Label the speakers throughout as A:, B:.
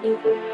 A: Good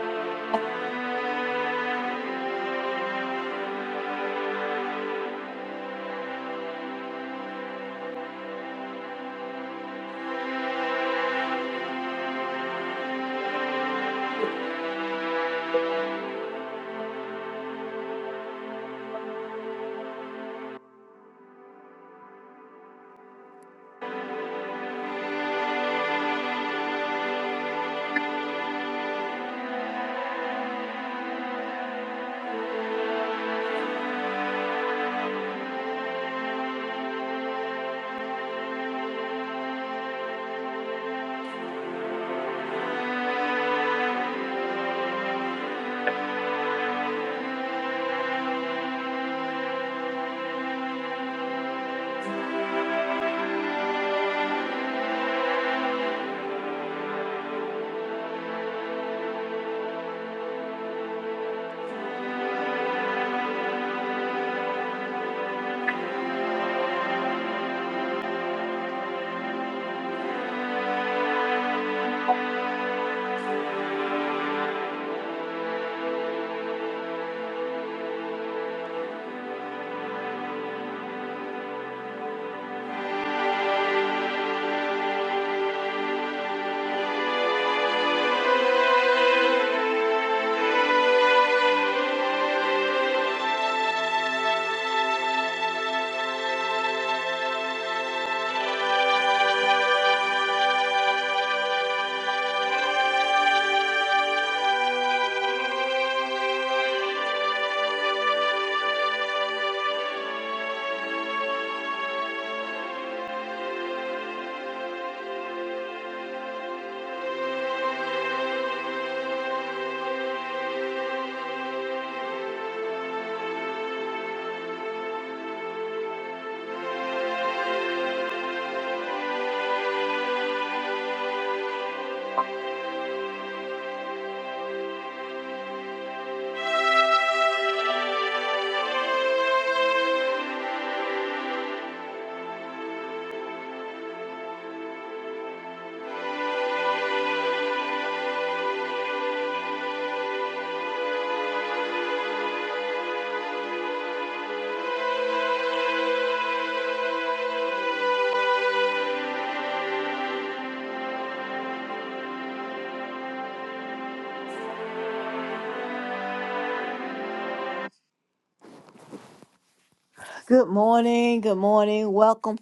A: morning. Good morning. Welcome.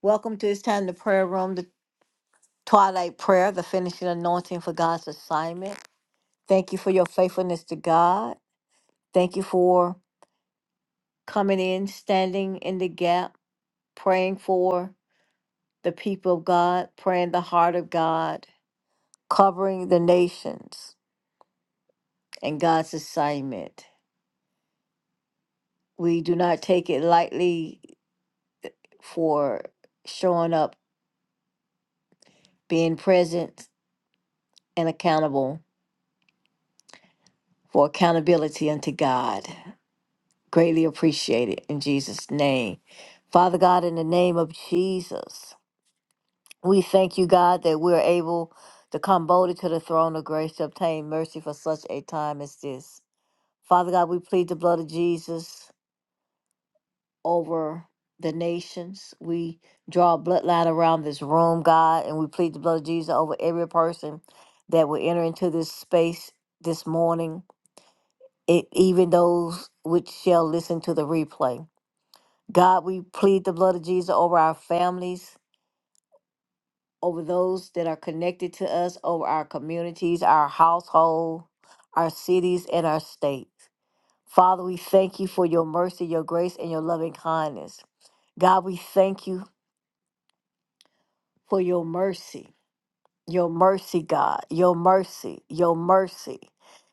A: Welcome to this time the prayer room, the twilight prayer, the finishing anointing for God's assignment. Thank you for your faithfulness to God. Thank you for coming in, standing in the gap, praying for the people of God, praying the heart of God, covering the nations and God's assignment. We do not take it lightly for showing up, being present and accountable for accountability unto God. Greatly appreciate it in Jesus' name. Father God, in the name of Jesus, we thank you, God, that we're able to come boldly to the throne of grace to obtain mercy for such a time as this. Father God, we plead the blood of Jesus over the nations. We draw a bloodline around this room, God, and we plead the blood of Jesus over every person that will enter into this space this morning. it, even those which shall listen to the replay. God, we plead the blood of Jesus over our families, over those that are connected to us, over our communities, our household, our cities, and our states. Father, we thank you for your mercy, your grace, and your loving kindness. God, we thank you for your mercy. Your mercy, God. Your mercy. Your mercy.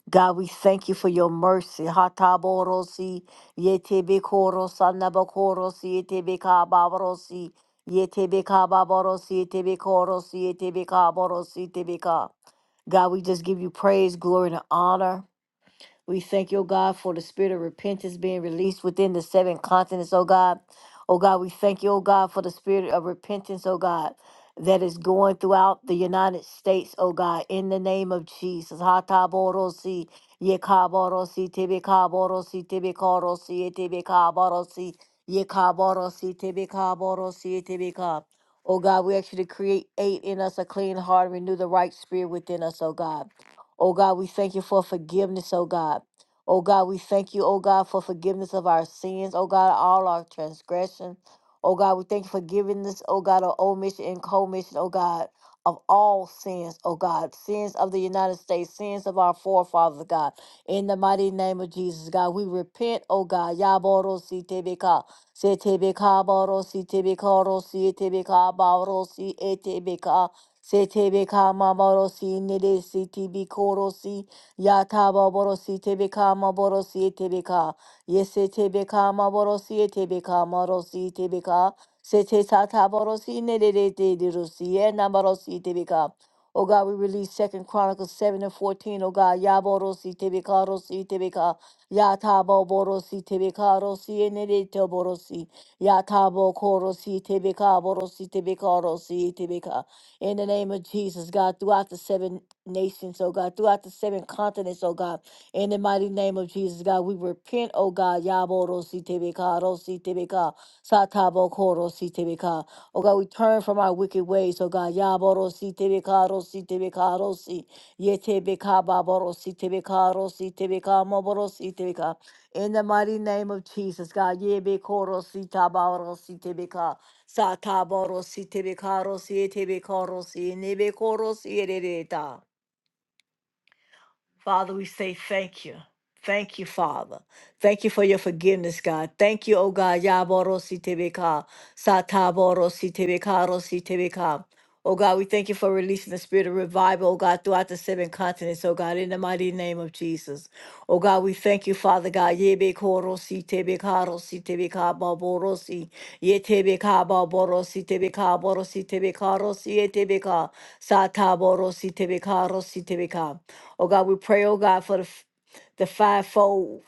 A: God, we thank you for your mercy. Hataborosi, yetebekorosa, nabakorosi, yetebekababorosi, yetebekababorosi, yetebekorosi, yetebekaborosi, yetebeka. God, we just give you praise, glory, and honor. We thank you, oh God, for the spirit of repentance being released within the seven continents, oh God. Oh God, we thank you, oh God, for the spirit of repentance, oh God, that is going throughout the United States, oh God, in the name of Jesus. Hataborosi, yekaborosi, tibikaborosi, tibikorosi, tibikaborosi, yekaborosi, tibikaborosi, tibikab. Oh God, we actually create in us a clean heart, renew the right spirit within us, oh God. Oh God, we thank you for forgiveness, oh God. Oh God, we thank you, oh God, for forgiveness of our sins, oh God, all our transgression. Oh God, we thank you for giving us, oh God, of omission and commission, oh God, of all sins, oh God, sins of the United States, sins of our forefathers, God. In the mighty name of Jesus, God, we repent, oh God. Yaboro si tebeka, se tebeka boro si tebeka ro si tebeka boro si Setebeka maborosi neresi tibikorosi yata baborosi tebeka maborosi etebeka yese tebeka maborosi etebeka marosi tebeka sete sata borosi nerete dirosi e namarosi tebeka Oh God, we release Second Chronicles 7 and 14. Oh God, Yaborosi Tebeka Rosi Tebeka Yatabo Borosi Tebeka Rosi and Borosi Yatabo Korosi Tebeka Borosi Tebeka Rosi Tebeka in the name of Jesus, God, throughout the seven nations, oh God, throughout the seven continents, oh God, in the mighty name of Jesus, God, we repent, oh God, Yaboro Sitebeka, Rosi Tebeka, Satabo Koro Sitebeka, oh God, we turn from our wicked ways, oh God, Yaboro Sitebeka, Rosi Tebeka, Rosi, Yetebeka, Baboro Sitebeka, Rosi Tebeka, Moboro Sitebeka, in the mighty name of Jesus, God, Yebekoro Sitabaro Sitebeka, Sataborosi tebekarosi tebekorosi nebekorosi erereta. Father, we say thank you. Thank you, Father. Thank you for your forgiveness, God. Thank you, O God. Yaborosi tebeka. Sataborosi tebekarosi tebeka. Oh God, we thank you for releasing the spirit of revival, oh God, throughout the seven continents, oh God, in the mighty name of Jesus. Oh God, we thank you, Father God. Yebe korosi tebe karosi tebe kababorosi. Ye tebe kababorosi tebe kaborosi tebe karosi ye tebe ka. Sataborosi tebe karosi tebe ka. Oh God, we pray, oh God, for the f- the fivefold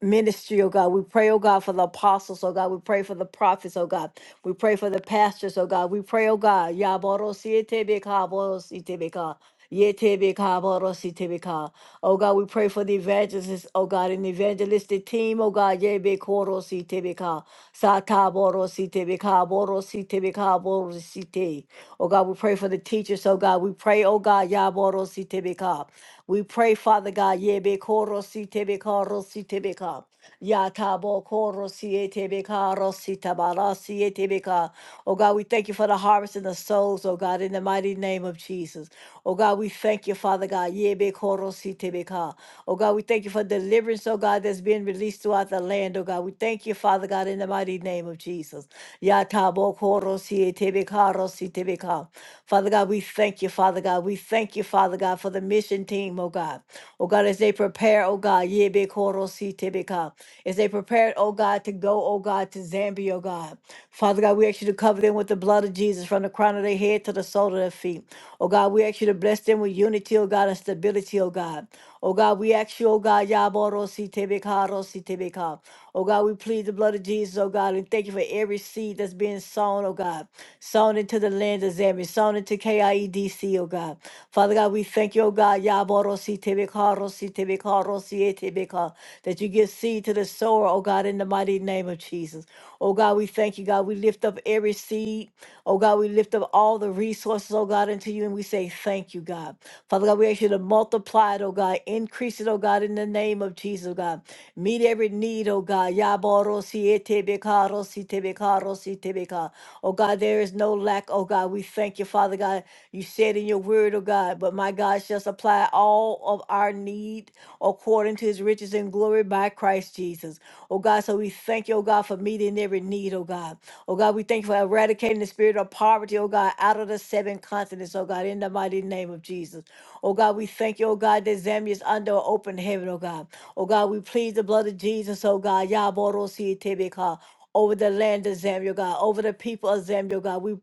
A: ministry, oh God. We pray, oh God, for the apostles, oh God. We pray for the prophets, oh God. We pray for the pastors, oh God. We pray, oh God. Yaborosietebeka, borositebeka, yetebeka, borositebeka. Oh God, we pray for the evangelists, oh God, and the evangelistic team, oh God. Yebekorositebeka, sataborositebeka, borositebeka, borosite. Oh God, we pray for the teachers, oh God. We pray, oh God koro si tebeka. We pray, Father God, yebe koro si tebeka ro si tebeka. Yatabo koro si etebeka ro si tabara si etebeka. Oh God, we thank you for the harvest and the souls, oh God, in the mighty name of Jesus. Oh God, we thank you, Father God. Yebe koro si tebeka. Oh God, we thank you for deliverance, oh God, that's being released throughout the land, oh God. We thank you, Father God, in the mighty name of Jesus. Ya tabo Korosie Tebeka Rosi Tebeka. Father God, we thank you, Father God. We thank you, Father God, for the mission team, oh God. Oh God, as they prepare, oh God, yebekorosi-tebeka, as they prepare, oh God, to go, oh God, to Zambia, oh God. Father God, we ask you to cover them with the blood of Jesus from the crown of their head to the sole of their feet. Oh God, we ask you to bless them with unity, oh God, and stability, oh God. Oh God, we ask you, oh God, Yaboro Sitebeka, Rositebeka. Oh God, we plead the blood of Jesus, oh God, and thank you for every seed that's being sown, oh God, sown into the land of Zambia, sown into KIEDC, oh God. Father God, we thank you, oh God, Yaboro Sitebeka, Rositebeka, Rosietebeka, that you give seed to the sower, oh God, in the mighty name of Jesus. Oh God, we thank you, God. We lift up every seed. Oh God, we lift up all the resources, oh God, unto you, and we say thank you, God. Father God, we ask you to multiply it, oh God. Increase it, oh God, in the name of Jesus, oh God. Meet every need, oh God. Yaborosi etebeka, rosi tebeka, rosi tebeka. Oh God, there is no lack, oh God. We thank you, Father God. You said in your word, oh God, but my God shall supply all of our need according to his riches and glory by Christ Jesus. Oh God, so we thank you, oh God, for meeting every need, oh God. Oh God, we thank you for eradicating the spirit of poverty, oh God, out of the seven continents, oh God, in the mighty name of Jesus. Oh God, we thank you, oh God, that Zambia is under an open heaven, oh God. Oh God, we plead the blood of Jesus, oh God. Yaborositebeka, Over the land of Zambia, oh God, over the people of Zambia, oh God. We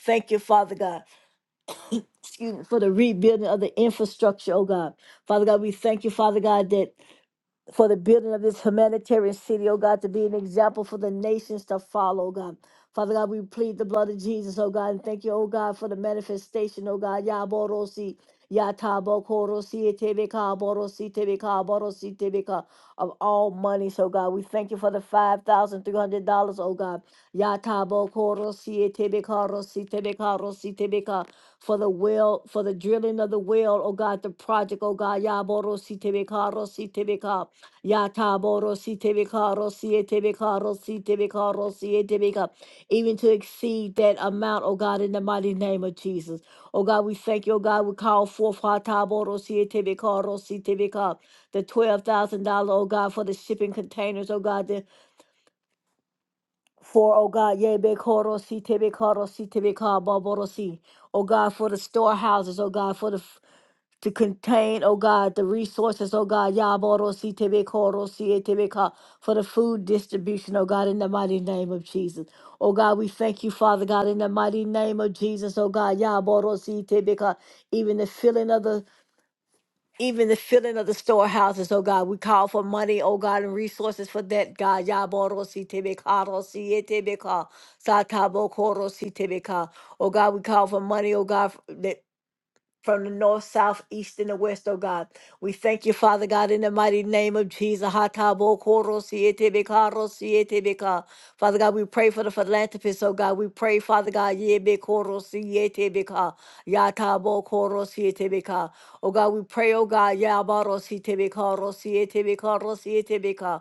A: thank you, Father God, excuse me, for the rebuilding of the infrastructure, oh God. Father God, we thank you, Father God, that for the building of this humanitarian city, oh God, to be an example for the nations to follow, oh God. Father God, we plead the blood of Jesus, oh God, and thank you, oh God, for the manifestation, oh God. Yaborosi, Yatabokorosi, Tebeka, Borosi, Tebeka, Borosi, Tebeka of all money, so God. We thank you for the $5,300, oh God. Yatabo korosi etebekarosi tebekarosi tebeka. rosi tebeka, For the well, for the drilling of the well, oh God, the project, oh God. Yaborosi tebekarosi tebeka. Yataborosi tebekarosi etebekarosi tebekarosi etebeka. rosi tebeka rosi etebeka, Even to exceed that amount, oh God, in the mighty name of Jesus. Oh God, we thank you, oh God. We call forth Hataborosi etebekarosi tebeka the twelve thousand dollar, oh God, for the shipping containers, oh God, the for oh God, yea be koro si te koro si te ka ba si, oh God, for the storehouses, oh God, for the f- to contain, oh God, the resources, oh God, ya boro si te koro si e te ka, for the food distribution, oh God, in the mighty name of Jesus, oh God, we thank you, Father God, in the mighty name of Jesus, oh God, ya boro si te ka, even the filling of the even the filling of the storehouses, oh God. We call for money, oh God, and resources for that, God. Yaboro si tebekaro si etebeka, satabo koro si tebeka. Oh God, we call for money, oh God, f- that from the north, south, east, and the west, oh God. We thank you, Father God, in the mighty name of Jesus. Hatabo koro siete beka, siete beka. Father God, we pray for the philanthropists, oh God. We pray, Father God, yebe koro siete beka, yatabo koro siete beka. Oh God, we pray, oh God, yabaro siete beka, siete beka, siete beka.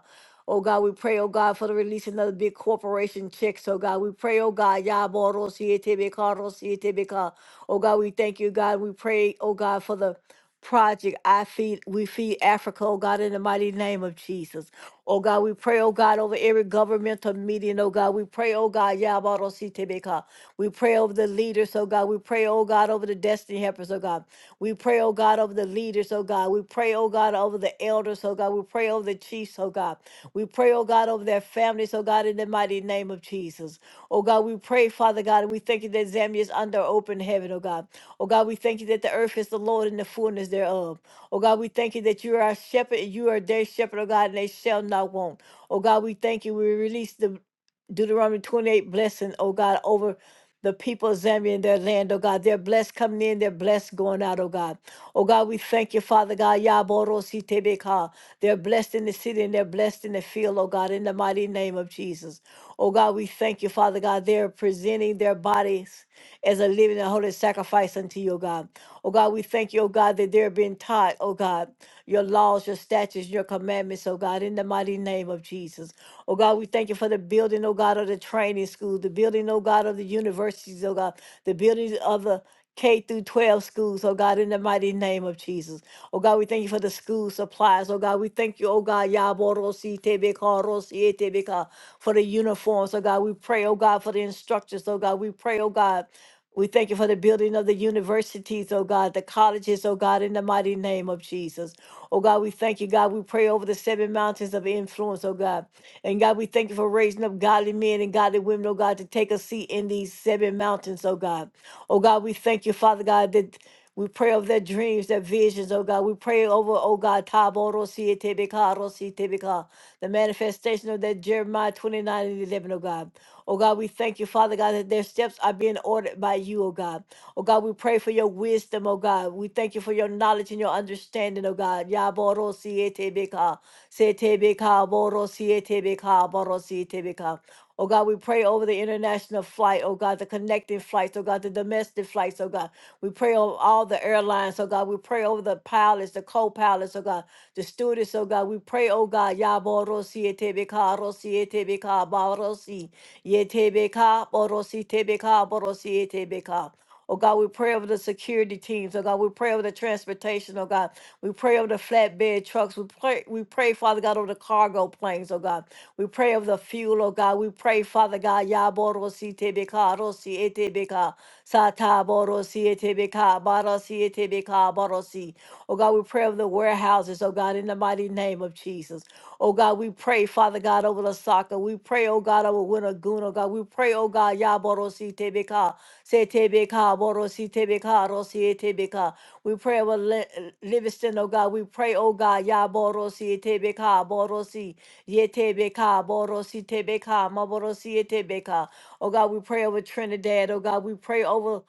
A: Oh God, we pray, oh God, for the releasing of the big corporation checks. Oh God, we pray, oh God, Yaboro siete beka, siete beka. Oh God, we thank you, God. We pray, oh God, for the project I feed we feed Africa, oh God, in the mighty name of Jesus. Oh God, we pray, oh God, over every governmental meeting, oh God. We pray, oh God, Yabaro Sitebeka. We pray over the leaders, oh God. We pray, oh God, over the destiny helpers, oh God. We pray, oh God, over the leaders, oh God. We pray, oh God, over the elders, oh God. We pray over the chiefs, oh God. We pray, oh God, over their families, oh God, in the mighty name of Jesus. Oh God, we pray, Father God, and we thank you that Zambia is under open heaven, oh God. Oh God, we thank you that the earth is the Lord and the fullness thereof. Oh God, we thank you that you are our shepherd and you are their shepherd, oh God, and they shall not want. Oh God, we thank you. We release the Deuteronomy 28 blessing, oh God, over the people of Zambia and their land, oh God. They're blessed coming in, they're blessed going out, oh God. Oh God, we thank you, Father God. Yaborositebeka. They're blessed in the city and they're blessed in the field, oh God, in the mighty name of Jesus. Oh God, we thank you, Father God. They're presenting their bodies as a living and holy sacrifice unto you, oh God. Oh God, we thank you, oh God, that they're being taught, oh God, your laws, your statutes, your commandments, oh God, in the mighty name of Jesus. Oh God, we thank you for the building, oh God, of the training school, the building, oh God, of the universities, oh God, the building of the K through 12 schools, oh God, in the mighty name of Jesus. Oh God, we thank you for the school supplies. Oh God, we thank you, oh God, Yaborosi Tebeka, Rosi Tebeka, for the uniforms. Oh God, we pray, oh God, for the instructors. Oh God, we pray, oh God. We thank you for the building of the universities, oh God, the colleges, oh God, in the mighty name of Jesus. Oh God, we thank you, God. We pray over the seven mountains of influence, oh God. And God, we thank you for raising up godly men and godly women, oh God, to take a seat in these seven mountains, oh God. Oh God, we thank you, Father God, that we pray over their dreams, their visions, oh God. We pray over, oh God, Taboro si Sietebeka, Rositebeka, the manifestation of that Jeremiah 29 and 11, oh God. Oh God, we thank you, Father God, that their steps are being ordered by you, oh God. Oh God, we pray for your wisdom, oh God. We thank you for your knowledge and your understanding, oh God. Yaboro Sietebeka, Setebeka, Boro si Sietebeka, Boro si Sietebeka. Oh God, we pray over the international flight, oh God, the connecting flights, oh God, the domestic flights, oh God. We pray over all the airlines, oh God. We pray over the pilots, the co-pilots, oh God, the stewardess, oh God. We pray, oh God, Yaborosi etebeka, Rosi etebeka, Barosi, Yetebeka, Borosi tebeka, Borosi etebeka. Oh God, we pray over the security teams. Oh God, we pray over the transportation. Oh God, we pray over the flatbed trucks. We pray, we pray, Father God, over the cargo planes. Oh God, we pray over the fuel. Oh God, we pray, Father God, Yaboro si te beka. Sata borosi ete beka. Barosi ete Barosi. Oh God, we pray over the warehouses, oh God, in the mighty name of Jesus. Oh God, we pray, Father God, over the soccer. We pray, oh God, over Winnagoon, oh God. We pray, oh God, ya borosi te beka. Se te beka, borosi te rosi ete We pray over Li- Livingston, oh God. We pray, oh God, ya borosi ete beka, borosi. Yetebeka, Borosi Tebeka, Maborosi Oh God, we pray over Trinidad. Oh God, we pray over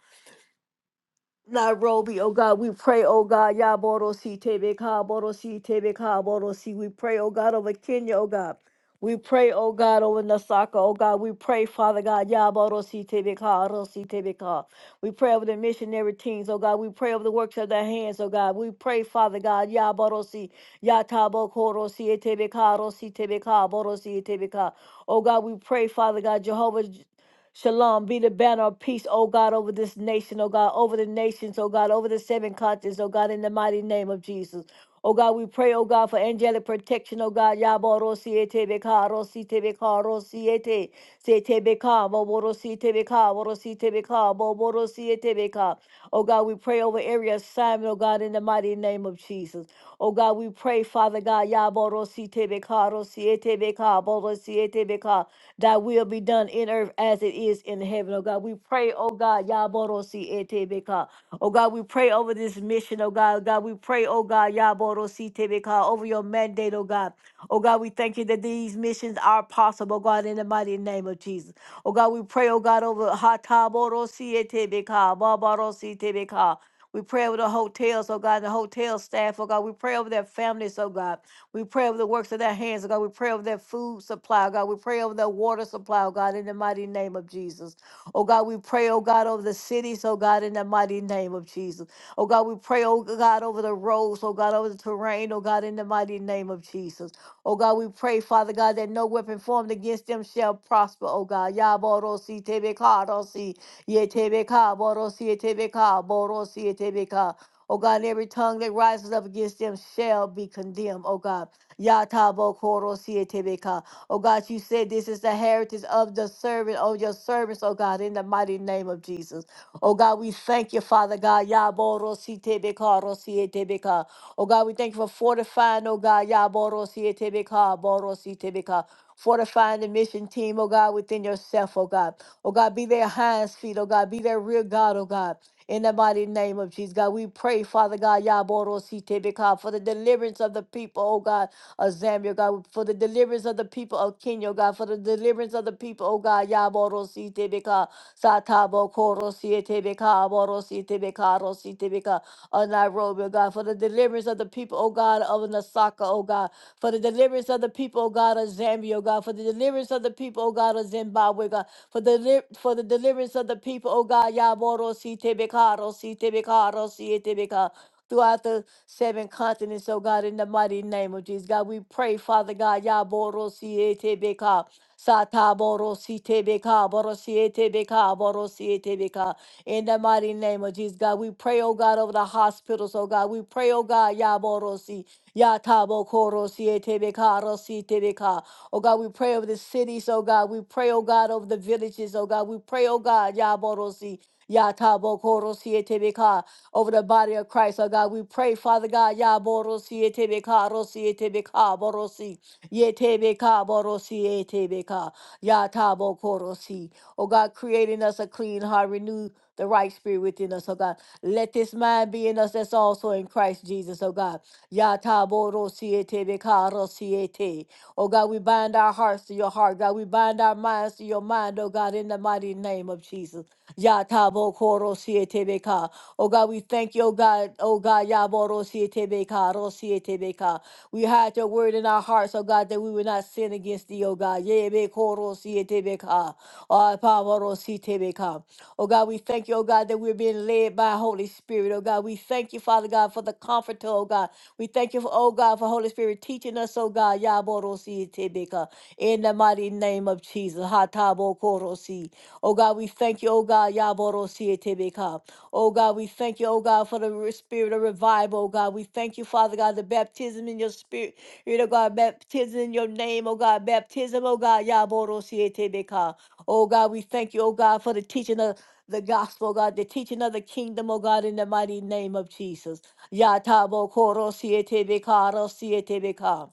A: Nairobi. Oh God, we pray, oh God, Yaborosi, Tebeka, Borosi, Tebeka, Borosi. We pray, oh God, over Kenya, oh God. We pray, oh God, over Nasaka, oh God. We pray, Father God, Yaborosi, Tebeka, Rosi, Tebeka. We pray over the missionary teams, oh God. We pray over the works of their hands, oh God. We pray, Father God, Yaborosi, Yatabo, Korosi, Tebeka, Rosi, Tebeka, Borosi, Tebeka. Oh God, we pray, Father God, Jehovah. Shalom be the banner of peace, O God, over this nation, O God, over the nations, O God, over the seven continents, O God, in the mighty name of Jesus. O God, we pray, O God, for angelic protection, O God. Yabo rosi etebeka, rosi tebeka, rosi ete, se tebeka, bobo rosi tebeka, borosi tebeka, bobo rosi etebeka. O God, we pray over area their assignment, oh God, in the mighty name of Jesus. Oh God, we pray, Father God, Yaboro si tebeka, ro si etebeka, boro si etebeka, thy will be done in earth as it is in heaven. Oh God, we pray, oh God, Yaboro si etebeka. Oh God, we pray over this mission, oh God. God, we pray, oh God, Yaboro si tebeka, over your mandate, oh God. Oh God, we thank you that these missions are possible, God, in the mighty name of Jesus. Oh God, we pray, oh God, over Hataboro-sietebeka, Babarositebeka. we pray over the hotels, oh God, the hotel staff, oh God. We pray over their families, oh God. We pray over the works of their hands, oh God. We pray over their food supply, oh God. We pray over their water supply, oh God, in the mighty name of Jesus. Oh God, we pray, oh God, over the cities, oh God, in the mighty name of Jesus. Oh God, we pray, oh God, over the roads, oh God, over the terrain, oh God, in the mighty name of Jesus. Oh God, we pray, Father God, that no weapon formed against them shall prosper. Oh God, Yaborosi Tebeka, Rosi, Yetebeka, Borosi, Tebeka, Borosi, Tebeka. Oh God, and every tongue that rises up against them shall be condemned. Oh God, Yatabo Korosi, Tebeka. Oh God, you said this is the heritage of the servant, of your servants, oh God, in the mighty name of Jesus. Oh God, we thank you, Father God. Yaborosi Tebeka, Rosi, Tebeka. Oh God, we thank you for fortifying, oh God, Yaborosi Tebeka, Borosi Tebeka. Fortifying the mission team, oh God, within yourself, oh God. Oh God, be their hands, feet, oh God, be their rear God, oh God. In the mighty name of Jesus, God, we pray, Father God, Yaborosi Tebeka, for the deliverance of the people, oh God, of Zambia, God, for the deliverance of the people of Kenya, oh God, for the deliverance of the people, oh God, Yaborosi Tebeka, Satabo Korosi Tebeka, Borosi Tebeka, Rosi Tebeka on Nairobi, robe, God, for the deliverance of the people, O God, of Nasaka, O God, for the deliverance of the people, O God, of Zambia, O God, for the deliverance of the people, O God, of Zimbabwe, God, for the deli- for the deliverance of the people, O God, Yaboro si tebekaro si tebekaro si tebeka. Throughout the seven continents, oh God, in the mighty name of Jesus. God, we pray, Father God, Yaboro si tebeka. Sata boro si tebeka, boro si tebeka, boro si in the mighty name of Jesus, God, we pray, oh God, over the hospitals, oh God. We pray, oh God, Yaborosi, Yatabo Korosi, Etebeka, Rosi, Tebeka. Oh God, we pray over the cities, oh God. We pray, oh God, over the villages, oh God. We pray, oh God, Yaborosi. Yatabo Korosi, Etebeka, over the body of Christ, oh God. We pray, Father God, Yaborosi, Etebeka, Rosi, Etebeka, Borosi. Yetebeka borosi etebeka. Yatabo korosi. Oh God, creating us a clean heart, renew the right spirit within us, oh God. Let this mind be in us that's also in Christ Jesus, oh God. Yatabo rosi etebeka rosi ete. Oh God, we bind our hearts to your heart, God. We bind our minds to your mind, oh God, in the mighty name of Jesus. Yatabo Koro Sietebeka. Oh God, we thank you, oh God, oh God, Yaboro Sietebeka, Ro Sietebeka. We hide your word in our hearts, oh God, that we will not sin against thee, oh God. Yebe Koro Sietebeka. Oh Pavoro Sietebeka. Oh God, we thank you, oh God, that we're being led by Holy Spirit. Oh God, we thank you, Father God, for the comforter, oh God. We thank you for, oh God, for Holy Spirit teaching us, oh God. Yaboro Sietebeka. In the mighty name of Jesus. Hatabo Koro Si. Oh God, we thank you, oh God, Yaboro Sietebeka. Oh God, we thank you, oh God, for the re- spirit of revival, oh God. We thank you, Father God, the baptism in your spirit, Spirit of God, baptism in your name, oh God, baptism, oh God, Yaboro Sietebeka. Oh God, we thank you, oh God, for the teaching of the gospel, oh, God, the teaching of the kingdom, oh God, in the mighty name of Jesus. Yatabo Koro Sietebeka, Ro Sietebeka.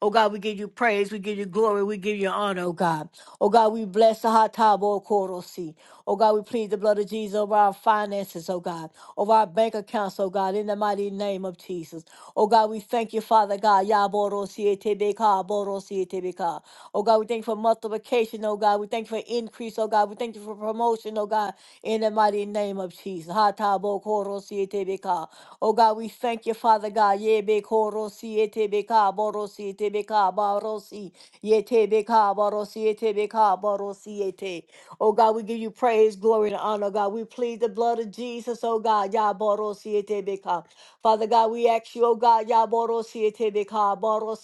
A: Oh God, we give you praise, we give you glory, we give you honor, oh God. Oh God, we bless the Hatabo Korosi. Oh God, we plead the blood of Jesus over our finances, oh God, over our bank accounts, oh God, in the mighty name of Jesus. Oh God, we thank you, Father God. Yaborosi etebeka, borosi etebeka. Oh God, we thank you for multiplication, oh God. We thank you for increase, oh God. We thank you for promotion, oh God, in the mighty name of Jesus. Ha ta bo ko ro si e te be ka. Oh God, we thank you, Father God. Ye be ko ro si e te be ka, bo ro si e te be ka, ba ro si. Ye te be ka, ba ro si e te be ka, ba ro si e te. Oh God, we give you praise, glory, and honor, God. We plead the blood of Jesus, oh God. Ya bo ro si e te be ka. Father God, we ask you, oh God, Ya Boro Siete Beka, Boro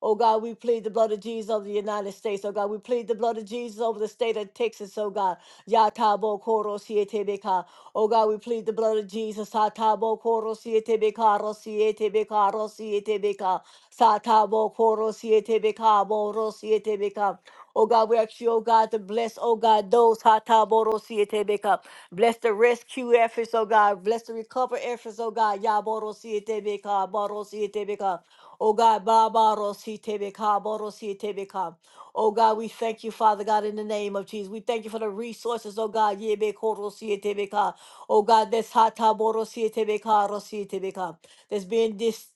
A: Oh God, we plead the blood of Jesus over the United States. Oh God, we plead the blood of Jesus over the state of Texas. Oh God, Yatabo Koro Sietebeka. Oh God, we plead the blood of Jesus. Satabo Koro Sietebeka, Rosietebeka, Rosietebeka. Satabo Koro Sietebeka, Boro Sietebeka. Oh God, we ask you, oh God, to bless, oh God, those Hataboro Sietebeka. Bless the rescue efforts, oh God. Bless the recovery efforts, oh God. Yaboro Sietebeka, Boro Sietebeka. Oh God, Baba si Babarositebeka, Borositebeka. Oh God, we thank you, Father God, in the name of Jesus. We thank you for the resources, oh God. Yebe koro si Yebekorositebeka. Oh God, that's Hataborositebeka, Rositebeka. That's being dis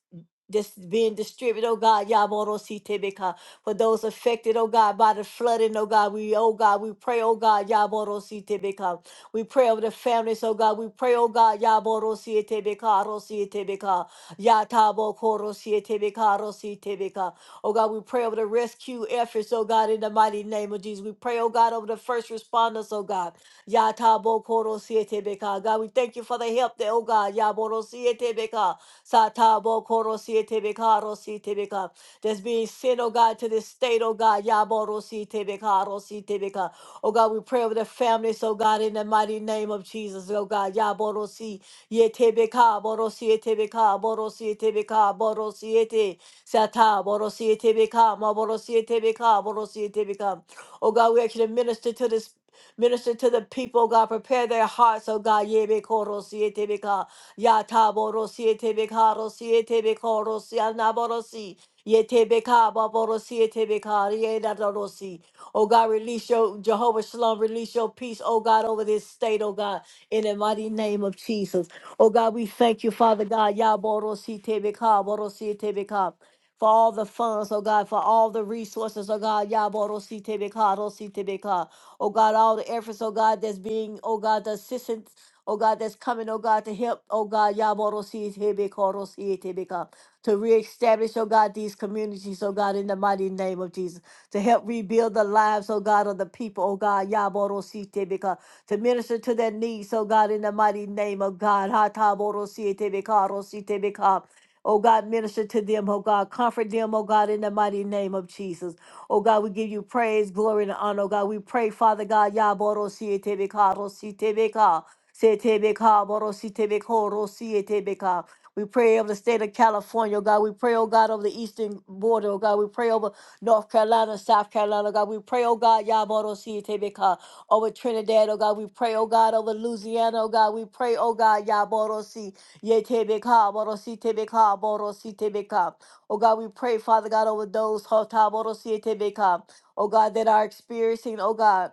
A: this being distributed, oh God, Yaboro si Yaborositebeka. For those affected, oh God, by the flooding, oh God, we, oh God, we pray, oh God, Yaboro si Yaborositebeka. We pray over the families, oh God. We pray, oh God, Yaboro Sietebeka, Rosietebeka, Yatabo Koro Sietebeka, beka. Oh God, we pray over the rescue efforts, oh God, in the mighty name of Jesus. We pray, oh God, over the first responders, oh God. Yatabo Koro siete beka, God, we thank you for the help that, oh God, Yaboro Sietebeka, Satabo Koro Sietebeka, God, that's being sent, oh God, to this state, oh God. Yaborositebeka, Rositebeka. Oh God, we pray over the families, oh God, in the mighty name of Jesus, oh God. Yaborosi, Yetebeka, Borosietebeka, Borosietebeka, te. Sata, Borosietebeka, Maborosietebeka, Borosietebeka. Oh God, we actually minister to this. Minister to the people, oh God. Prepare their hearts, oh God. Yebe koro siete beka. Yataboro siete beka. Rosiete beko. Rosianaborosi. Yete beka. Baborosiete beka. Riedadorosi. Oh God, release your Jehovah Shalom, release your peace, oh God, over this state, oh God, in the mighty name of Jesus. Oh God, we thank you, Father God. Yaboro siete beka, Yaborositebeka, beka for all the funds, oh God, for all the resources, oh God, Yaboro Sitebeka, Sitebeka, oh God, all the efforts, oh God, that's being, oh God, the assistance, oh God, that's coming, oh God, to help, oh God, Yaboro Sitebeka, Sitebeka, to reestablish, oh God, these communities, oh God, in the mighty name of Jesus, to help rebuild the lives, oh God, of the people, oh God, Yaboro Sitebeka, to minister to their needs, oh God, in the mighty name of God, Hataboro Sitebeka, Sitebeka, Oh God, minister to them, oh God. Comfort them, oh God, in the mighty name of Jesus. Oh God, we give you praise, glory, and honor. Oh God, we pray, Father God, Yaboro Sietebeka, Rositebeka, Setebeka, Borositebeko, Rosietebeka. We pray over the state of California, oh God. We pray, oh God, over the eastern border, oh God. We pray over North Carolina, South Carolina, oh God. We pray, oh God, Yaboro Sietebeka, over Trinidad, oh God. We pray, oh God, over Louisiana, oh God. We pray, oh God, Yaboro Yetebeka, borosi tebeka, borosi tebeka. Oh God, we pray, Father God, over those, hota borosi tebeka. oh God, that are experiencing, oh God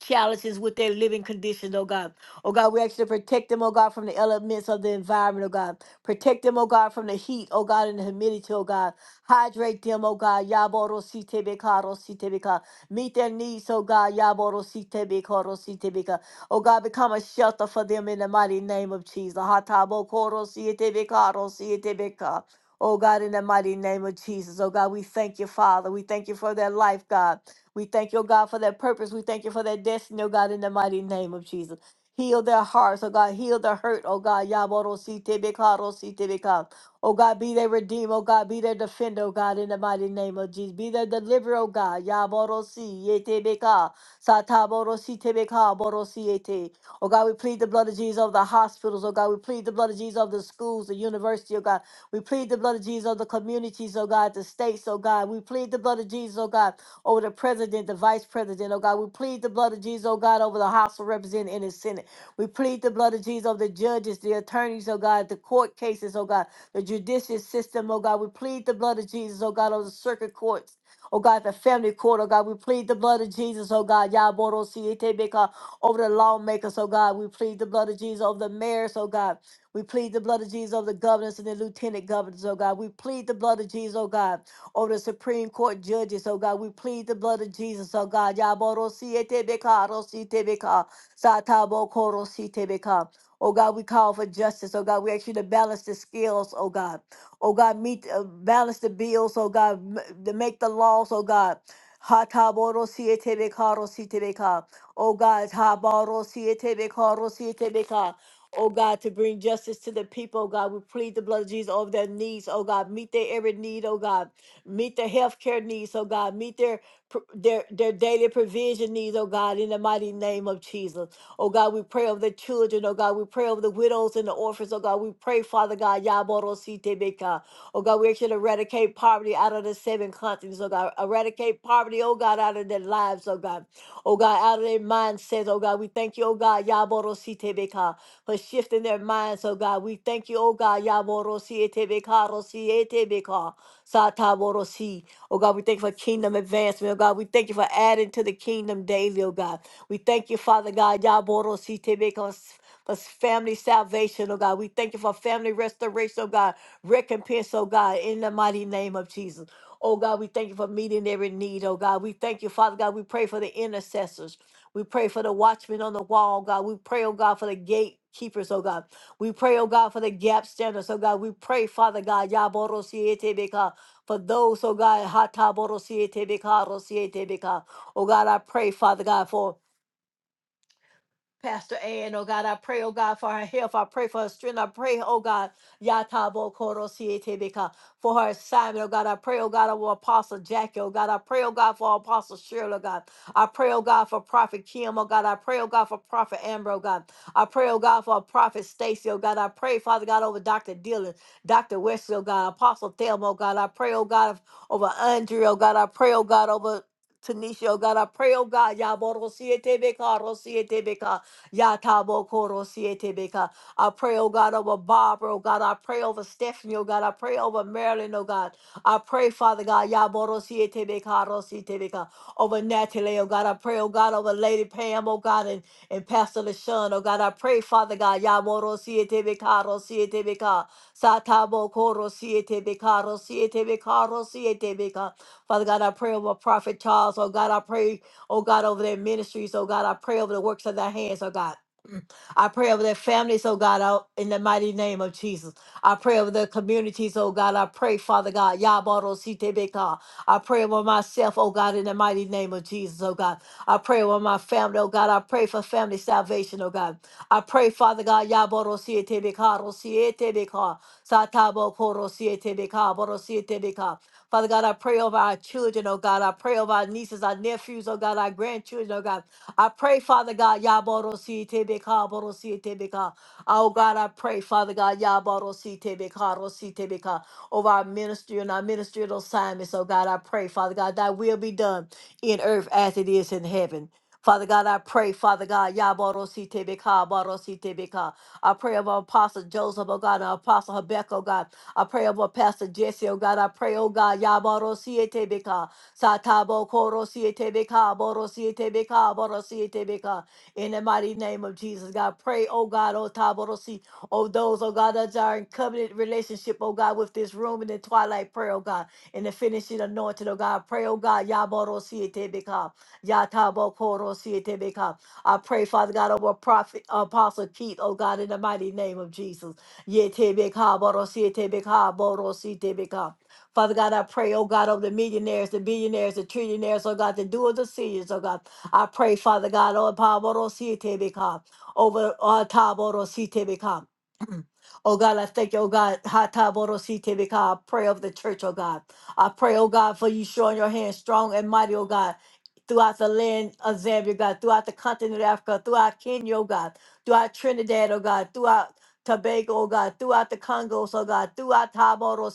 A: challenges with their living conditions, oh God. Oh God, we ask you to protect them, oh God, from the elements of the environment, oh God. Protect them, oh God, from the heat, oh God, and the humidity, oh God. Hydrate them, oh God. Yaboro si rositebeka. Meet their needs, oh God. Yaboro si rositebeka. Oh God, become a shelter for them in the mighty name of Jesus. Hatabo koro si tebeka, ro si rositebeka. Oh God, in the mighty name of Jesus. Oh God, we thank you, Father. We thank you for their life, God. We thank you, oh God, for that purpose. We thank you for that destiny, oh God, in the mighty name of Jesus. Heal their hearts, oh God. Heal their hurt, oh God. Yaboro si tebekaro si tebekaro. Oh God, be their redeemer, oh God. Be their defender, oh God, in the mighty name of Jesus. Be their deliverer, oh God. Yaboro si yetebeka. Sataboro si tebeka, boro si yete. Oh God, we plead the blood of Jesus over the hospitals, oh God. We plead the blood of Jesus over the schools, the university, oh God. We plead the blood of Jesus over the communities, oh God, the states, oh God. We plead the blood of Jesus, oh God over the president, the vice president, oh God. We plead the blood of Jesus, oh God, over the House of Representatives and the Senate. We plead the blood of Jesus over the judges, the attorneys, oh God, the court cases, oh God, the judicial system, oh God. We plead the blood of Jesus, oh God, over the circuit courts. Oh God, the family court, oh God, we plead the blood of Jesus, oh God, Yaboro Sietebeka, over the lawmakers, oh God, we plead the blood of Jesus over the mayors, oh God. We plead the blood of Jesus over the governors and the lieutenant governors, oh God. We plead the blood of Jesus, oh God over the Supreme Court judges, oh God. We plead the blood of Jesus, oh God. Yaboro siete beka, rosite beka, satabo koro siete beka. Oh God, we call for justice. Oh God, we ask you to balance the scales, oh God. Oh God, meet uh, balance the bills, oh God, m- to make the laws, oh God. Hataboro siete beka, rosite beka. Oh God, haboro siete beka, rosite beka. Oh God, to bring justice to the people, oh God. We plead the blood of Jesus over their needs, oh God. Meet their every need, oh God. Meet their healthcare needs, oh God. Meet their pr- their their daily provision needs, oh God, in the mighty name of Jesus. Oh God, we pray over the children, oh God. We pray over the widows and the orphans, oh God. We pray, Father God, Yaborositebeka. Oh God, we actually eradicate poverty out of the seven continents, oh God. Eradicate poverty, oh God, out of their lives, oh God. Oh God, out of their mindsets, oh God. We thank you, oh God, Yaborositebeka, for shifting their minds, oh God. We thank you, oh God, Yaborositebeka, Rosietebeka. Satavorosi. Oh God, we thank you for kingdom advancement. Oh God, we thank you for adding to the kingdom daily, oh God. We thank you, Father God, Yaborosi Tebekos. For family salvation, oh God. We thank you for family restoration, oh God. Recompense, oh God, in the mighty name of Jesus. Oh God, we thank you for meeting every need, oh God. We thank you, Father God. We pray for the intercessors. We pray for the watchmen on the wall, oh, God. We pray, oh God, for the gatekeepers, oh God. We pray, oh God, for the gap standards, oh God. We pray, Father God, Yaboro for those, oh God, Hataborosietebeka, Rosietebeka. oh God, I pray, Father God, for Pastor Ann, oh God, I pray, oh God, for her health. I pray for her strength. I pray, oh God, Yatabo Koro Sietebeka, for her assignment, oh God. I pray, oh God, for Apostle Jackie, oh God. I pray, oh God, for Apostle Shirley, oh God. I pray, oh God, for Prophet Kim, oh God. I pray, oh God, for Prophet Amber, oh God. I pray, oh God, for Prophet Stacy, oh God. I pray, Father God, over Dr. Dillon, Dr. Wesley, oh God. Apostle Thelma, oh God. I pray, oh God, over Andre, oh God. I pray, oh God, over. Tanisha, oh God, I pray, oh God, Yaboro Siete Beka, Yatabo Koro Sietebeka. I pray, oh God, over Barbara, oh God. I pray over Stephanie, oh God. I pray over Marilyn, oh God. I pray, Father God, Yaboro Sietebeka, Rositebeka, over Natalie, oh God. I pray, oh God, over Lady Pam, oh God, and, and Pastor LaShawn, oh God. I pray, Father God, Yaboro Sietebeka, Rositebeka, Satabo Koro Sietebeka, Rositebeka, Rositebeka. Father God, I pray over Prophet Charles, oh God. I pray oh God, over their ministries, oh God. I pray over the works of their hands, oh God. I pray over their families, oh God, out in the mighty name of Jesus. I pray over their communities, oh God. I pray, Father God, Yabaro Sitebeka. I pray over myself, oh God, in the mighty name of Jesus, oh God. I pray over my family, oh God. I pray for family salvation, oh God. I pray, Father God, Yaboro Sietebeka, Rosietebeka, Satabo Koro Sietebeka, Boro Sietebeka. Father God, I pray over our children, oh God. I pray over our nieces, our nephews, oh God, our grandchildren, oh God. I pray, Father God, Yaborosi Tebeka, Borosi Tebeka. Oh God, I pray, Father God, Yaborosi Tebeka, Rosi Tebeka, over our ministry and our ministerial assignments. Oh God, I pray, Father God, thy will be done in earth as it is in heaven. Father God, I pray, Father God, Yaborosi Tebeka, Borosi Tebeka. I pray over Apostle Joseph, oh God, and Apostle Habakkuk, oh God. I pray over Pastor Jesse, oh God. I pray, oh God, Yaborosi Tebeka. Satabo koro siete beka, boro siete beka, boro siete beka. In the mighty name of Jesus, God, pray, oh God, oh taborosi si, oh those, oh God, that are in covenant relationship, oh God, with this room in the twilight prayer, oh God, in the finishing anointing, oh God, pray, oh God, yaboro siete beka, yatabo koro siete beka. I pray, Father God, over prophet, apostle Keith, oh God, in the mighty name of Jesus. Yete beka, boro siete beka, boro siete beka. Father God, I pray, oh God, over the millionaires, the billionaires, the trillionaires, oh God, the doers, the seers, oh God. I pray, Father God, oh Paboro Sitebeka, over oh Taboro Sitebeka. Oh God, I thank you, oh God, Hataboro Sitebeka. I pray over the church, oh God. I pray, oh God, for you showing your hand strong and mighty, oh God. Throughout the land of Zambia, God, throughout the continent of Africa, throughout Kenya, oh God, throughout Trinidad, oh God, throughout Tobago, oh God, throughout the Congos, oh God, throughout Taboro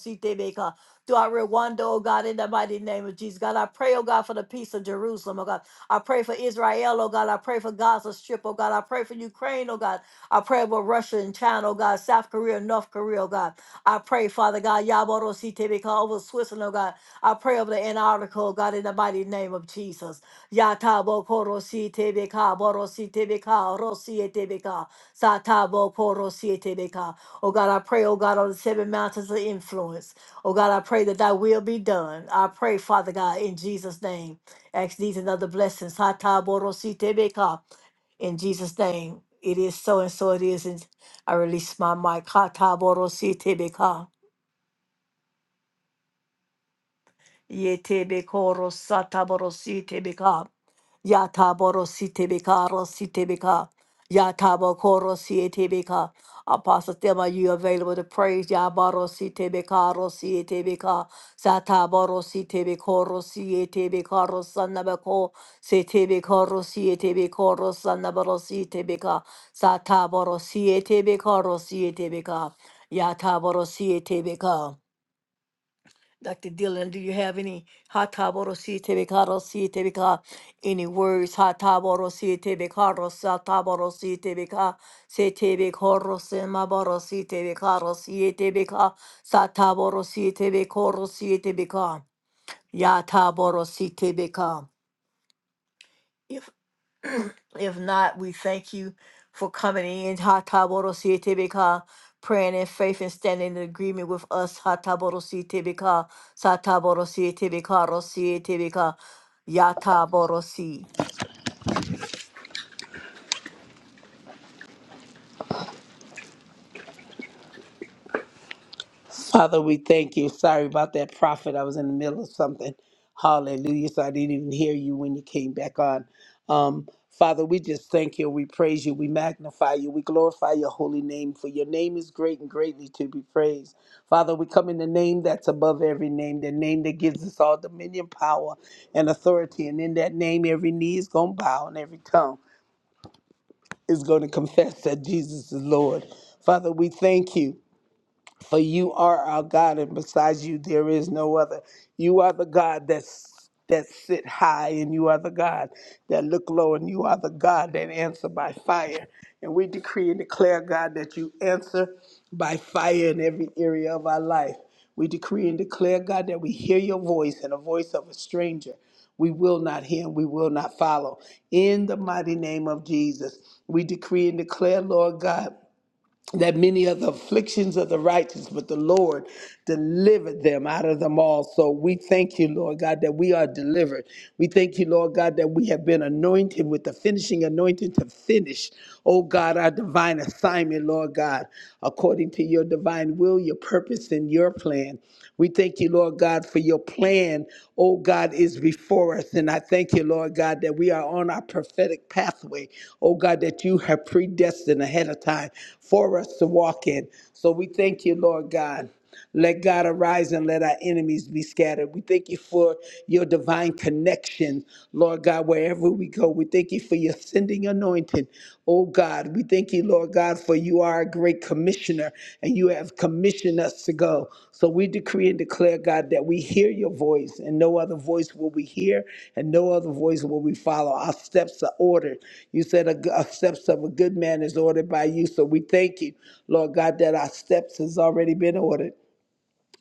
A: through our Rwanda, oh God, in the mighty name of Jesus. God, I pray, oh God, for the peace of Jerusalem, oh God. I pray for Israel, oh God. I pray for Gaza Strip, oh God. I pray for Ukraine, oh God. I pray for Russia and China, oh God, South Korea, North Korea, oh God. I pray, Father God, Yaboro CTV, over Switzerland, oh God. I pray over the Antarctica, oh God, in the mighty name of Jesus. Yatabo Koro CTV, Boro CTV, Rosi TBK, Satabo Koro CTV. Oh God, I pray, oh God, on the seven mountains of influence. Oh God, I pray that thy will be done. I pray, Father God, in Jesus' name. Ask these and other blessings. Ha ta bo ro si te be ka. In Jesus' name. It is so and so it is. And I release my mic. Ha ta bo ro si te be ka. Yetebe koro satabarosi tebeka. Yataborosi tebeka rosi tebeka. Yatabokorosi tebeka. Apostle Thelma, you available to praise Yabarosi tebeka rosi tebeka. Sataborosi tebekorosi tebeka rosanabeko. Se tebeka rosi tebeko rosanabarosi tebeka. Sataborosi tebeka rosi tebeka. Yataborosi tebeka. Dr. Dylan, do you have any Hatabarosi Tebekarosi Tebeka? Any words Hatabarosi Tebekarosa Tabarosi Tebeka? Se Tebekorosi Mabarosi Tebekarosi Tebeka? Satabarosi Tebekorosi Tebeka? Yatabarosi Tebeka? If if not, we thank you for coming in. Ha ta bo si Praying in faith and standing in agreement with us. Ha ta bo do si sa ta bo si ro si te ya ta si.
B: Father, we thank you. Sorry about that prophet. I was in the middle of something. Hallelujah. So I didn't even hear you when you came back on. Um, Father, we just thank you. We praise you. We magnify you. We glorify your holy name, for your name is great and greatly to be praised. Father, we come in the name that's above every name, the name that gives us all dominion, power, and authority. And in that name, every knee is going to bow and every tongue is going to confess that Jesus is Lord. Father, we thank you. For you are our God, and besides you there is no other. You are the God that's that sit high, and you are the God that look low, and you are the God that answer by fire. And we decree and declare, God, that you answer by fire in every area of our life. We decree and declare, God, that we hear your voice and the voice of a stranger. We will not hear and we will not follow. In the mighty name of Jesus, we decree and declare, Lord God that many are the afflictions of the righteous, but the Lord delivered them out of them all. So we thank you, Lord God, that we are delivered. We thank you, Lord God, that we have been anointed with the finishing anointing to finish, oh God, our divine assignment, Lord God, according to your your divine will, your purpose, and your plan. We thank you, Lord God, for your plan, oh God, is before us. And I thank you, Lord God, that we are on our prophetic pathway, oh God, that you have predestined ahead of time for us to walk in. So we thank you, Lord God. Let God arise and let our enemies be scattered. We thank you for your divine connection, Lord God, wherever we go. We thank you for your sending anointing. Oh God, we thank you, Lord God, for you are a great commissioner and you have commissioned us to go. So we decree and declare, God, that we hear your voice and no other voice will we hear and no other voice will we follow. Our steps are ordered. You said a, a steps of a good man is ordered by you. So we thank you, Lord God, that our steps has already been ordered.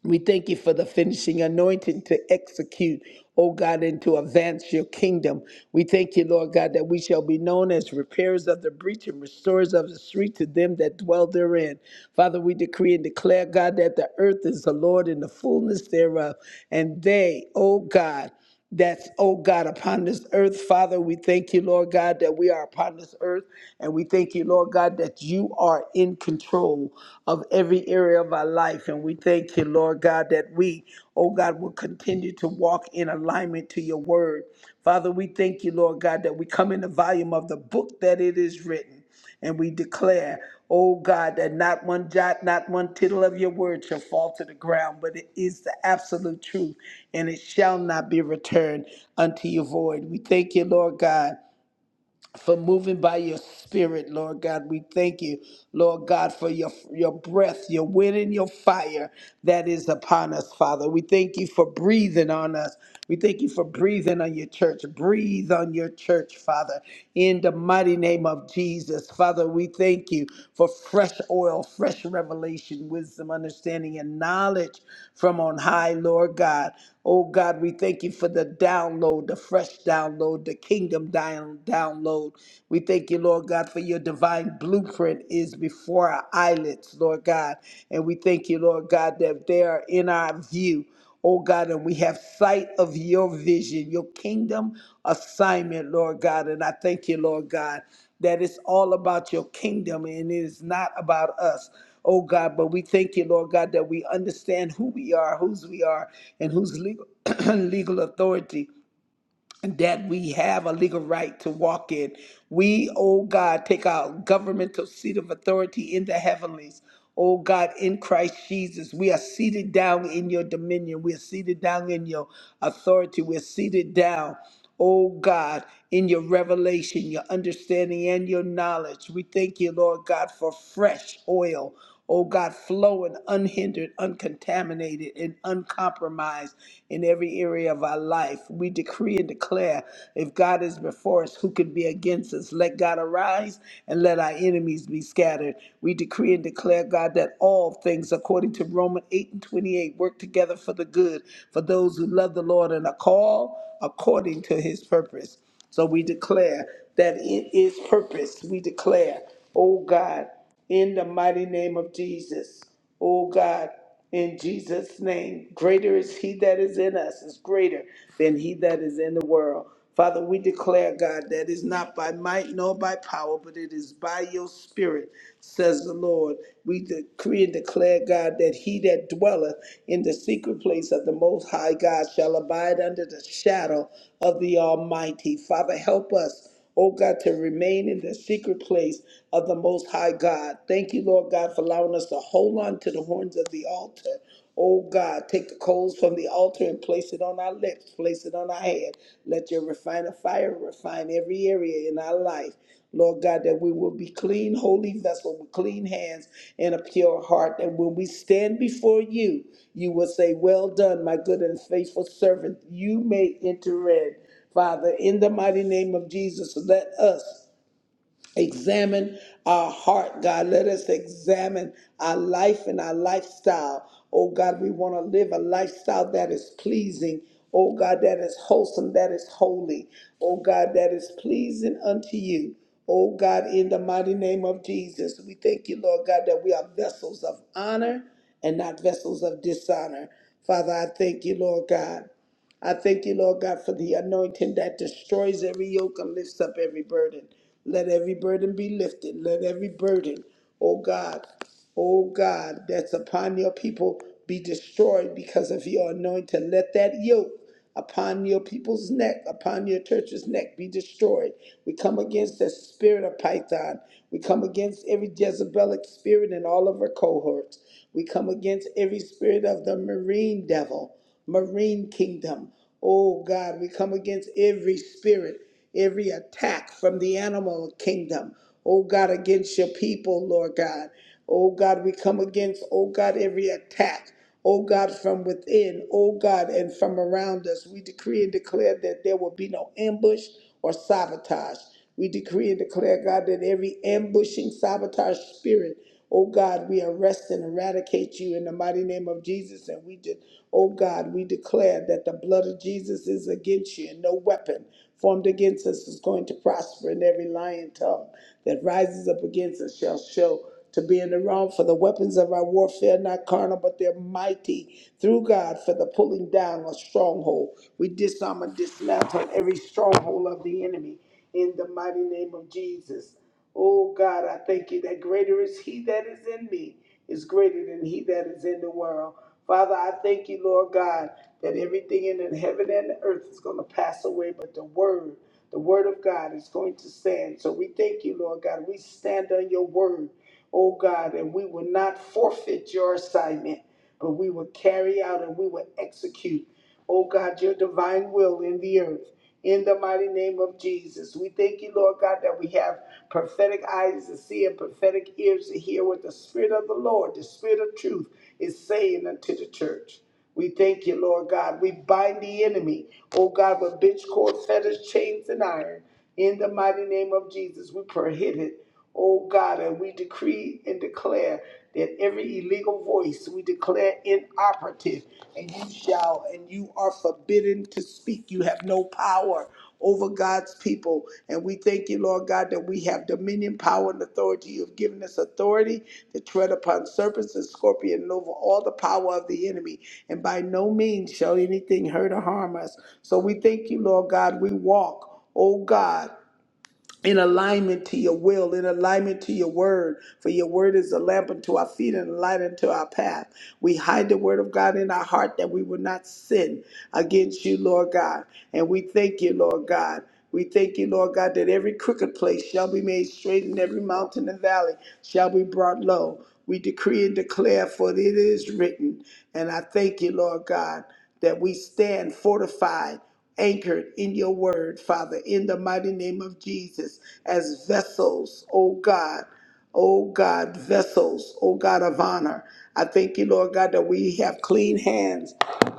B: We thank you for the finishing anointing to execute, oh God, and to advance your kingdom. We thank you, Lord God, that we shall be known as repairers of the breach and restorers of the street to them that dwell therein. Father, we decree and declare, God, that the earth is the Lord and the fullness thereof, and they, oh God, that's, oh God, upon this earth. Father, we thank you, Lord God, that we are upon this earth. And we thank you, Lord God, that you are in control of every area of our life. And we thank you, Lord God, that we, oh God, will continue to walk in alignment to your word. Father, we thank you, Lord God, that we come in the volume of the book that it is written. And we declare, oh God, that not one jot, not one tittle of your word shall fall to the ground, but it is the absolute truth, and it shall not be returned unto you void. We thank you, Lord God for moving by your spirit, Lord God. We thank you, Lord God, for your your breath, your wind and your fire that is upon us, Father. We thank you for breathing on us. We thank you for breathing on your church. Breathe on your church, Father, in the mighty name of Jesus. Father, we thank you for fresh oil, fresh revelation, wisdom, understanding, and knowledge from on high, Lord God. Oh God, we thank you for the download, the fresh download, the kingdom down, download. We thank you, Lord God, for your divine blueprint is before our eyelids, Lord God. And we thank you, Lord God, that they are in our view. Oh God, and we have sight of your vision, your kingdom assignment, Lord God. And I thank you, Lord God, that it's all about your kingdom and it is not about us. Oh God, but we thank you, Lord God, that we understand who we are, whose we are, and whose legal legal authority that we have a legal right to walk in. We, oh God, take our governmental seat of authority in the heavenlies. Oh God, in Christ Jesus, we are seated down in your dominion. We are seated down in your authority. We are seated down, oh God, in your revelation, your understanding, and your knowledge. We thank you, Lord God, for fresh oil oh God, flowing unhindered, uncontaminated, and uncompromised in every area of our life. We decree and declare if God is before us, who can be against us? Let God arise and let our enemies be scattered. We decree and declare, God, that all things, according to Romans 8 and 28, work together for the good for those who love the Lord and are called according to his purpose. So we declare that it is purpose. We declare, oh God in the mighty name of Jesus. Oh God, in Jesus' name, greater is He that is in us, is greater than He that is in the world. Father, we declare, God, that is not by might nor by power, but it is by your spirit, says the Lord. We decree and declare, God, that he that dwelleth in the secret place of the Most High God shall abide under the shadow of the Almighty. Father, help us oh God, to remain in the secret place of the Most High God. Thank you, Lord God, for allowing us to hold on to the horns of the altar. Oh God, take the coals from the altar and place it on our lips, place it on our head. Let your refiner fire refine every area in our life. Lord God, that we will be clean, holy vessel with clean hands and a pure heart. And when we stand before you, you will say, Well done, my good and faithful servant. You may enter in. Father, in the mighty name of Jesus, let us examine our heart, God. Let us examine our life and our lifestyle. Oh, God, we want to live a lifestyle that is pleasing. Oh, God, that is wholesome, that is holy. Oh, God, that is pleasing unto you. Oh, God, in the mighty name of Jesus, we thank you, Lord God, that we are vessels of honor and not vessels of dishonor. Father, I thank you, Lord God. I thank you, Lord God, for the anointing that destroys every yoke and lifts up every burden. Let every burden be lifted. Let every burden, oh God, oh God, that's upon your people be destroyed because of your anointing. Let that yoke upon your people's neck, upon your church's neck, be destroyed. We come against the spirit of Python. We come against every Jezebelic spirit in all of her cohorts. We come against every spirit of the marine devil marine kingdom. Oh God, we come against every spirit, every attack from the animal kingdom. Oh God, against your people, Lord God. Oh God, we come against, oh God, every attack. Oh God, from within, oh God, and from around us, we decree and declare that there will be no ambush or sabotage. We decree and declare, God, that every ambushing sabotage spirit Oh God, we arrest and eradicate you in the mighty name of Jesus. And we did, oh God, we declare that the blood of Jesus is against you, and no weapon formed against us is going to prosper, and every lying tongue that rises up against us shall show to be in the wrong for the weapons of our warfare are not carnal but they're mighty through god for the pulling down of stronghold we disarm and dismantle every stronghold of the enemy in the mighty name of jesus Oh God, I thank you that greater is he that is in me is greater than he that is in the world. Father, I thank you, Lord God, that everything in the heaven and the earth is going to pass away, but the word, the word of God is going to stand. So we thank you, Lord God. We stand on your word, oh God, and we will not forfeit your assignment, but we will carry out and we will execute oh God, your divine will in the earth. In the mighty name of Jesus, we thank you, Lord God, that we have prophetic eyes to see and prophetic ears to hear what the Spirit of the Lord, the Spirit of truth, is saying unto the church. We thank you, Lord God. We bind the enemy, oh God, with bitch cord, fetters, chains, and iron. In the mighty name of Jesus, we prohibit Oh God, and we decree and declare that every illegal voice we declare inoperative, and you shall, and you are forbidden to speak. You have no power over God's people. And we thank you, Lord God, that we have dominion, power, and authority. You have given us authority to tread upon serpents and scorpions and over all the power of the enemy. And by no means shall anything hurt or harm us. So we thank you, Lord God. We walk, oh God in alignment to your will, in alignment to your word. For your word is a lamp unto our feet and a light unto our path. We hide the word of God in our heart that we will not sin against you, Lord God. And we thank you, Lord God. We thank you, Lord God, that every crooked place shall be made straight and every mountain and valley shall be brought low. We decree and declare, for it is written. And I thank you, Lord God, that we stand fortified anchored in your word, Father, in the mighty name of Jesus, as vessels, oh God, oh God, vessels, oh God of honor. I thank you, Lord God, that we have clean hands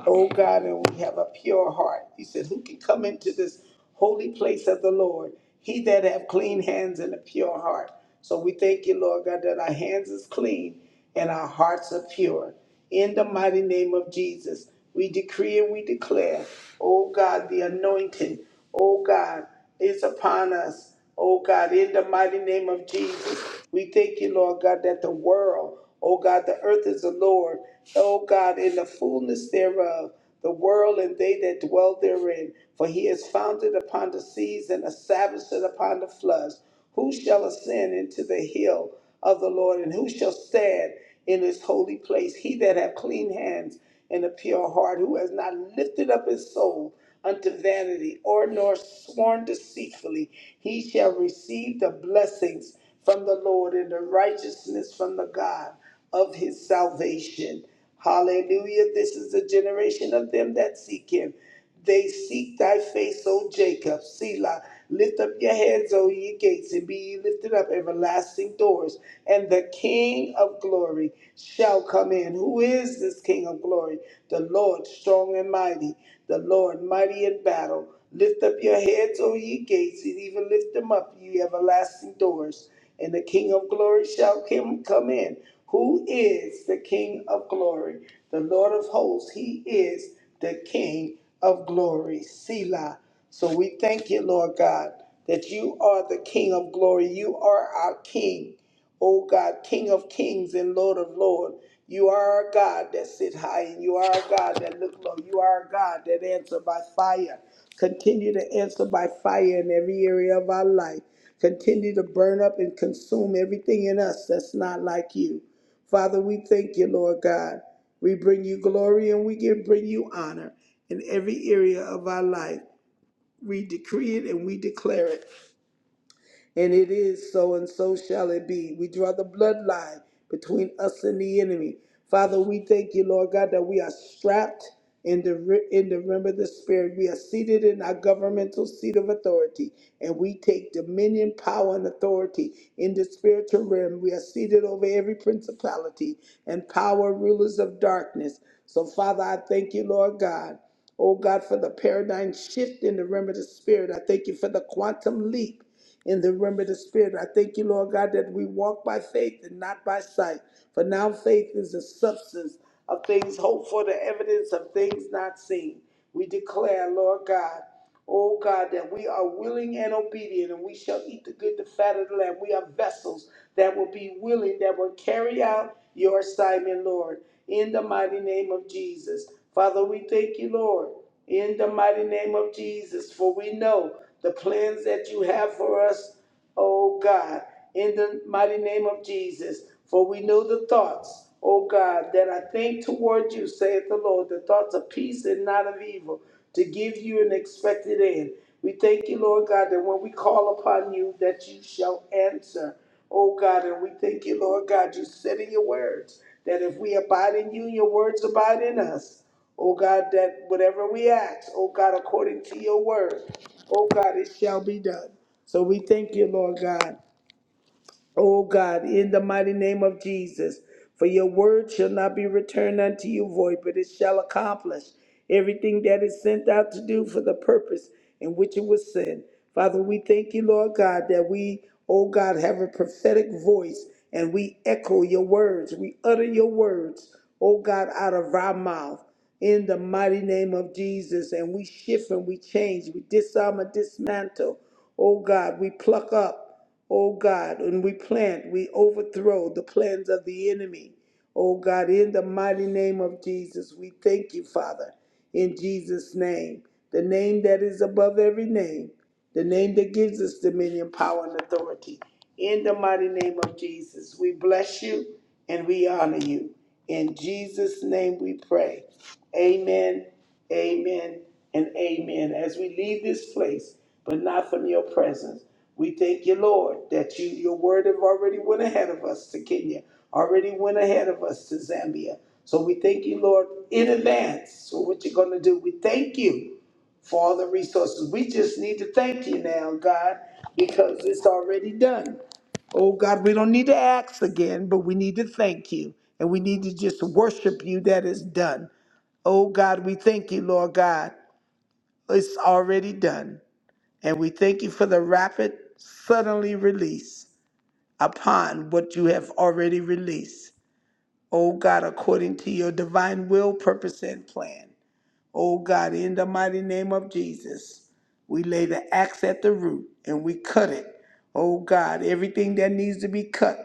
B: O God, and we have a pure heart. He said, Who can come into this holy place of the Lord? He that have clean hands and a pure heart. So we thank you, Lord God, that our hands is clean and our hearts are pure. In the mighty name of Jesus, we decree and we declare, O God, the anointing, O God is upon us. Oh God, in the mighty name of Jesus, we thank you, Lord God, that the world, oh God, the earth is the Lord. Oh God, in the fullness thereof, the world and they that dwell therein. For he has founded upon the seas and established it upon the floods. Who shall ascend into the hill of the Lord, and who shall stand in his holy place? He that hath clean hands and a pure heart, who has not lifted up his soul unto vanity, or nor sworn deceitfully, he shall receive the blessings from the Lord and the righteousness from the God of his salvation. Hallelujah. This is the generation of them that seek him. They seek thy face, O Jacob, Selah. Lift up your heads, O ye gates, and be ye lifted up, everlasting doors, and the King of glory shall come in. Who is this King of glory? The Lord strong and mighty, the Lord mighty in battle. Lift up your heads, O ye gates, and even lift them up, ye everlasting doors, and the King of glory shall come come in. Who is the King of glory? The Lord of hosts, he is the King of glory. Selah. So we thank you, Lord God, that you are the King of glory. You are our King, O God, King of kings and Lord of lords. You are a God that sit high, and you are a God that look low. You are a God that answer by fire. Continue to answer by fire in every area of our life. Continue to burn up and consume everything in us that's not like you. Father, we thank you, Lord God. We bring you glory and we give, bring you honor in every area of our life. We decree it and we declare it and it is so, and so shall it be. We draw the bloodline between us and the enemy. Father, we thank you, Lord God, that we are strapped in the, ri- in the rim of the Spirit. We are seated in our governmental seat of authority, and we take dominion, power, and authority in the spiritual realm. We are seated over every principality and power, rulers of darkness. So, Father, I thank you, Lord God. Oh God, for the paradigm shift in the realm of the spirit. I thank you for the quantum leap in the realm of the Spirit. I thank you, Lord God, that we walk by faith and not by sight. For now, faith is the substance of things hoped for, the evidence of things not seen. We declare, Lord God, oh God, that we are willing and obedient, and we shall eat the good, the fat of the land. We are vessels that will be willing, that will carry out your assignment, Lord, in the mighty name of Jesus. Father, we thank you, Lord in the mighty name of Jesus. For we know the plans that you have for us, O God, in the mighty name of Jesus. For we know the thoughts, O God, that I think toward you, saith the Lord, the thoughts of peace and not of evil, to give you an expected end. We thank you, Lord God, that when we call upon you, that you shall answer, O God. And we thank you, Lord God, you said in your words that if we abide in you, your words abide in us. O God, that whatever we ask, O God, according to your word, O God, it shall be done. So we thank you, Lord God. O God, in the mighty name of Jesus. For your word shall not be returned unto you void, but it shall accomplish everything that is sent out to do for the purpose in which it was sent. Father, we thank you, Lord God, that we, O God, have a prophetic voice and we echo your words. We utter your words, O God, out of our mouth in the mighty name of Jesus. And we shift and we change, we disarm and dismantle. Oh God, we pluck up. O God, when we plant, we overthrow the plans of the enemy. O God, in the mighty name of Jesus, we thank you, Father, in Jesus' name, the name that is above every name, the name that gives us dominion, power, and authority. In the mighty name of Jesus, we bless you and we honor you. In Jesus' name we pray. Amen, amen, and amen. As we leave this place, but not from your presence, we thank you, Lord, that you, your word have already went ahead of us to Kenya, already went ahead of us to Zambia. So we thank you, Lord, in advance for what you're going to do. We thank you for all the resources. We just need to thank you now, God, because it's already done. Oh, God, we don't need to ask again, but we need to thank you. And we need to just worship you that is done. Oh, God, we thank you, Lord God. It's already done. And we thank you for the rapid, suddenly release upon what you have already released. Oh God, according to your divine will, purpose, and plan. Oh God, in the mighty name of Jesus, we lay the axe at the root and we cut it. Oh God, everything that needs to be cut,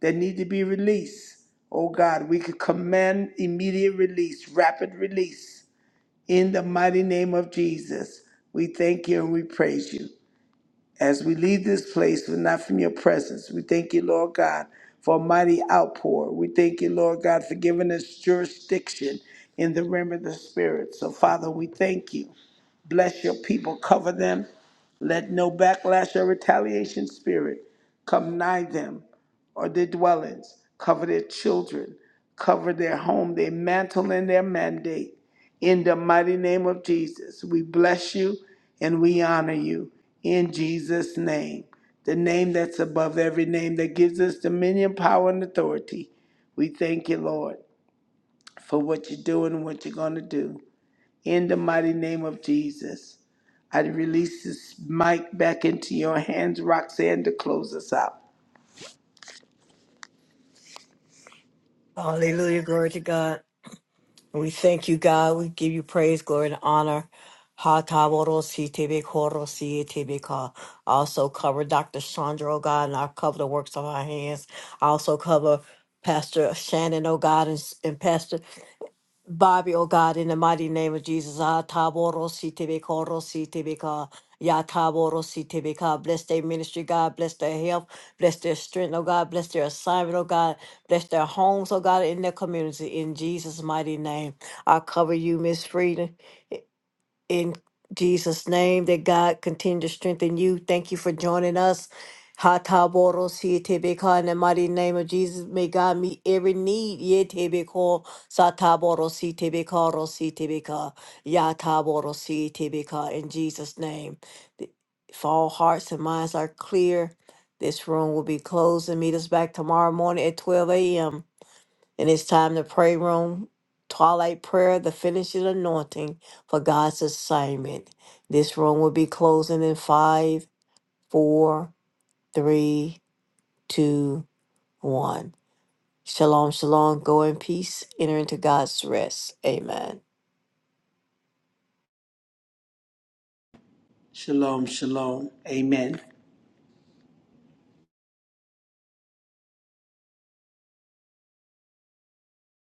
B: that need to be released. Oh God, we could command immediate release, rapid release. In the mighty name of Jesus, we thank you and we praise you. As we leave this place, but not from your presence, we thank you, Lord God, for a mighty outpour. We thank you, Lord God, for giving us jurisdiction in the realm of the Spirit. So, Father, we thank you. Bless your people, cover them. Let no backlash or retaliation spirit come nigh them or their dwellings. Cover their children, cover their home, their mantle, and their mandate. In the mighty name of Jesus, we bless you and we honor you in Jesus' name, the name that's above every name that gives us dominion, power, and authority. We thank you, Lord, for what you're doing and what you're going to do. In the mighty name of Jesus, I release this mic back into your hands, Roxanne, to close us out.
A: Hallelujah. Glory to God. We thank you, God. We give you praise, glory, and honor. Ha ta bo ro si te be ko ro si e te be ka. Also cover Dr. Chandra, oh God, and I cover the works of our hands. I also cover Pastor Shannon, oh God, and, and Pastor. Bobby, oh God, in the mighty name of Jesus, ah, taboro si tibika, ro si tibika, ya taboro si tibika. Bless their ministry, God. Bless their health. Bless their strength, oh God. Bless their assignment, oh God. Bless their homes, oh God, in their community. In Jesus' mighty name, I cover you, Miss Frieda in Jesus' name that God continue to strengthen you. Thank you for joining us. Hataboros yetebeka in the mighty name of Jesus. May God meet every need. Yetebeko sataboros yetebeka rositebeka yataboros yetebeka in Jesus' name. Th- If all hearts and minds are clear, this room will be closed and meet us back tomorrow morning at 12 a.m. And it's time to pray room, twilight prayer, the finishing anointing for God's assignment. This room will be closing in five, four, three, two, one. Shalom, shalom. Go in peace. Enter into God's rest. Amen.
B: Shalom, shalom. Amen.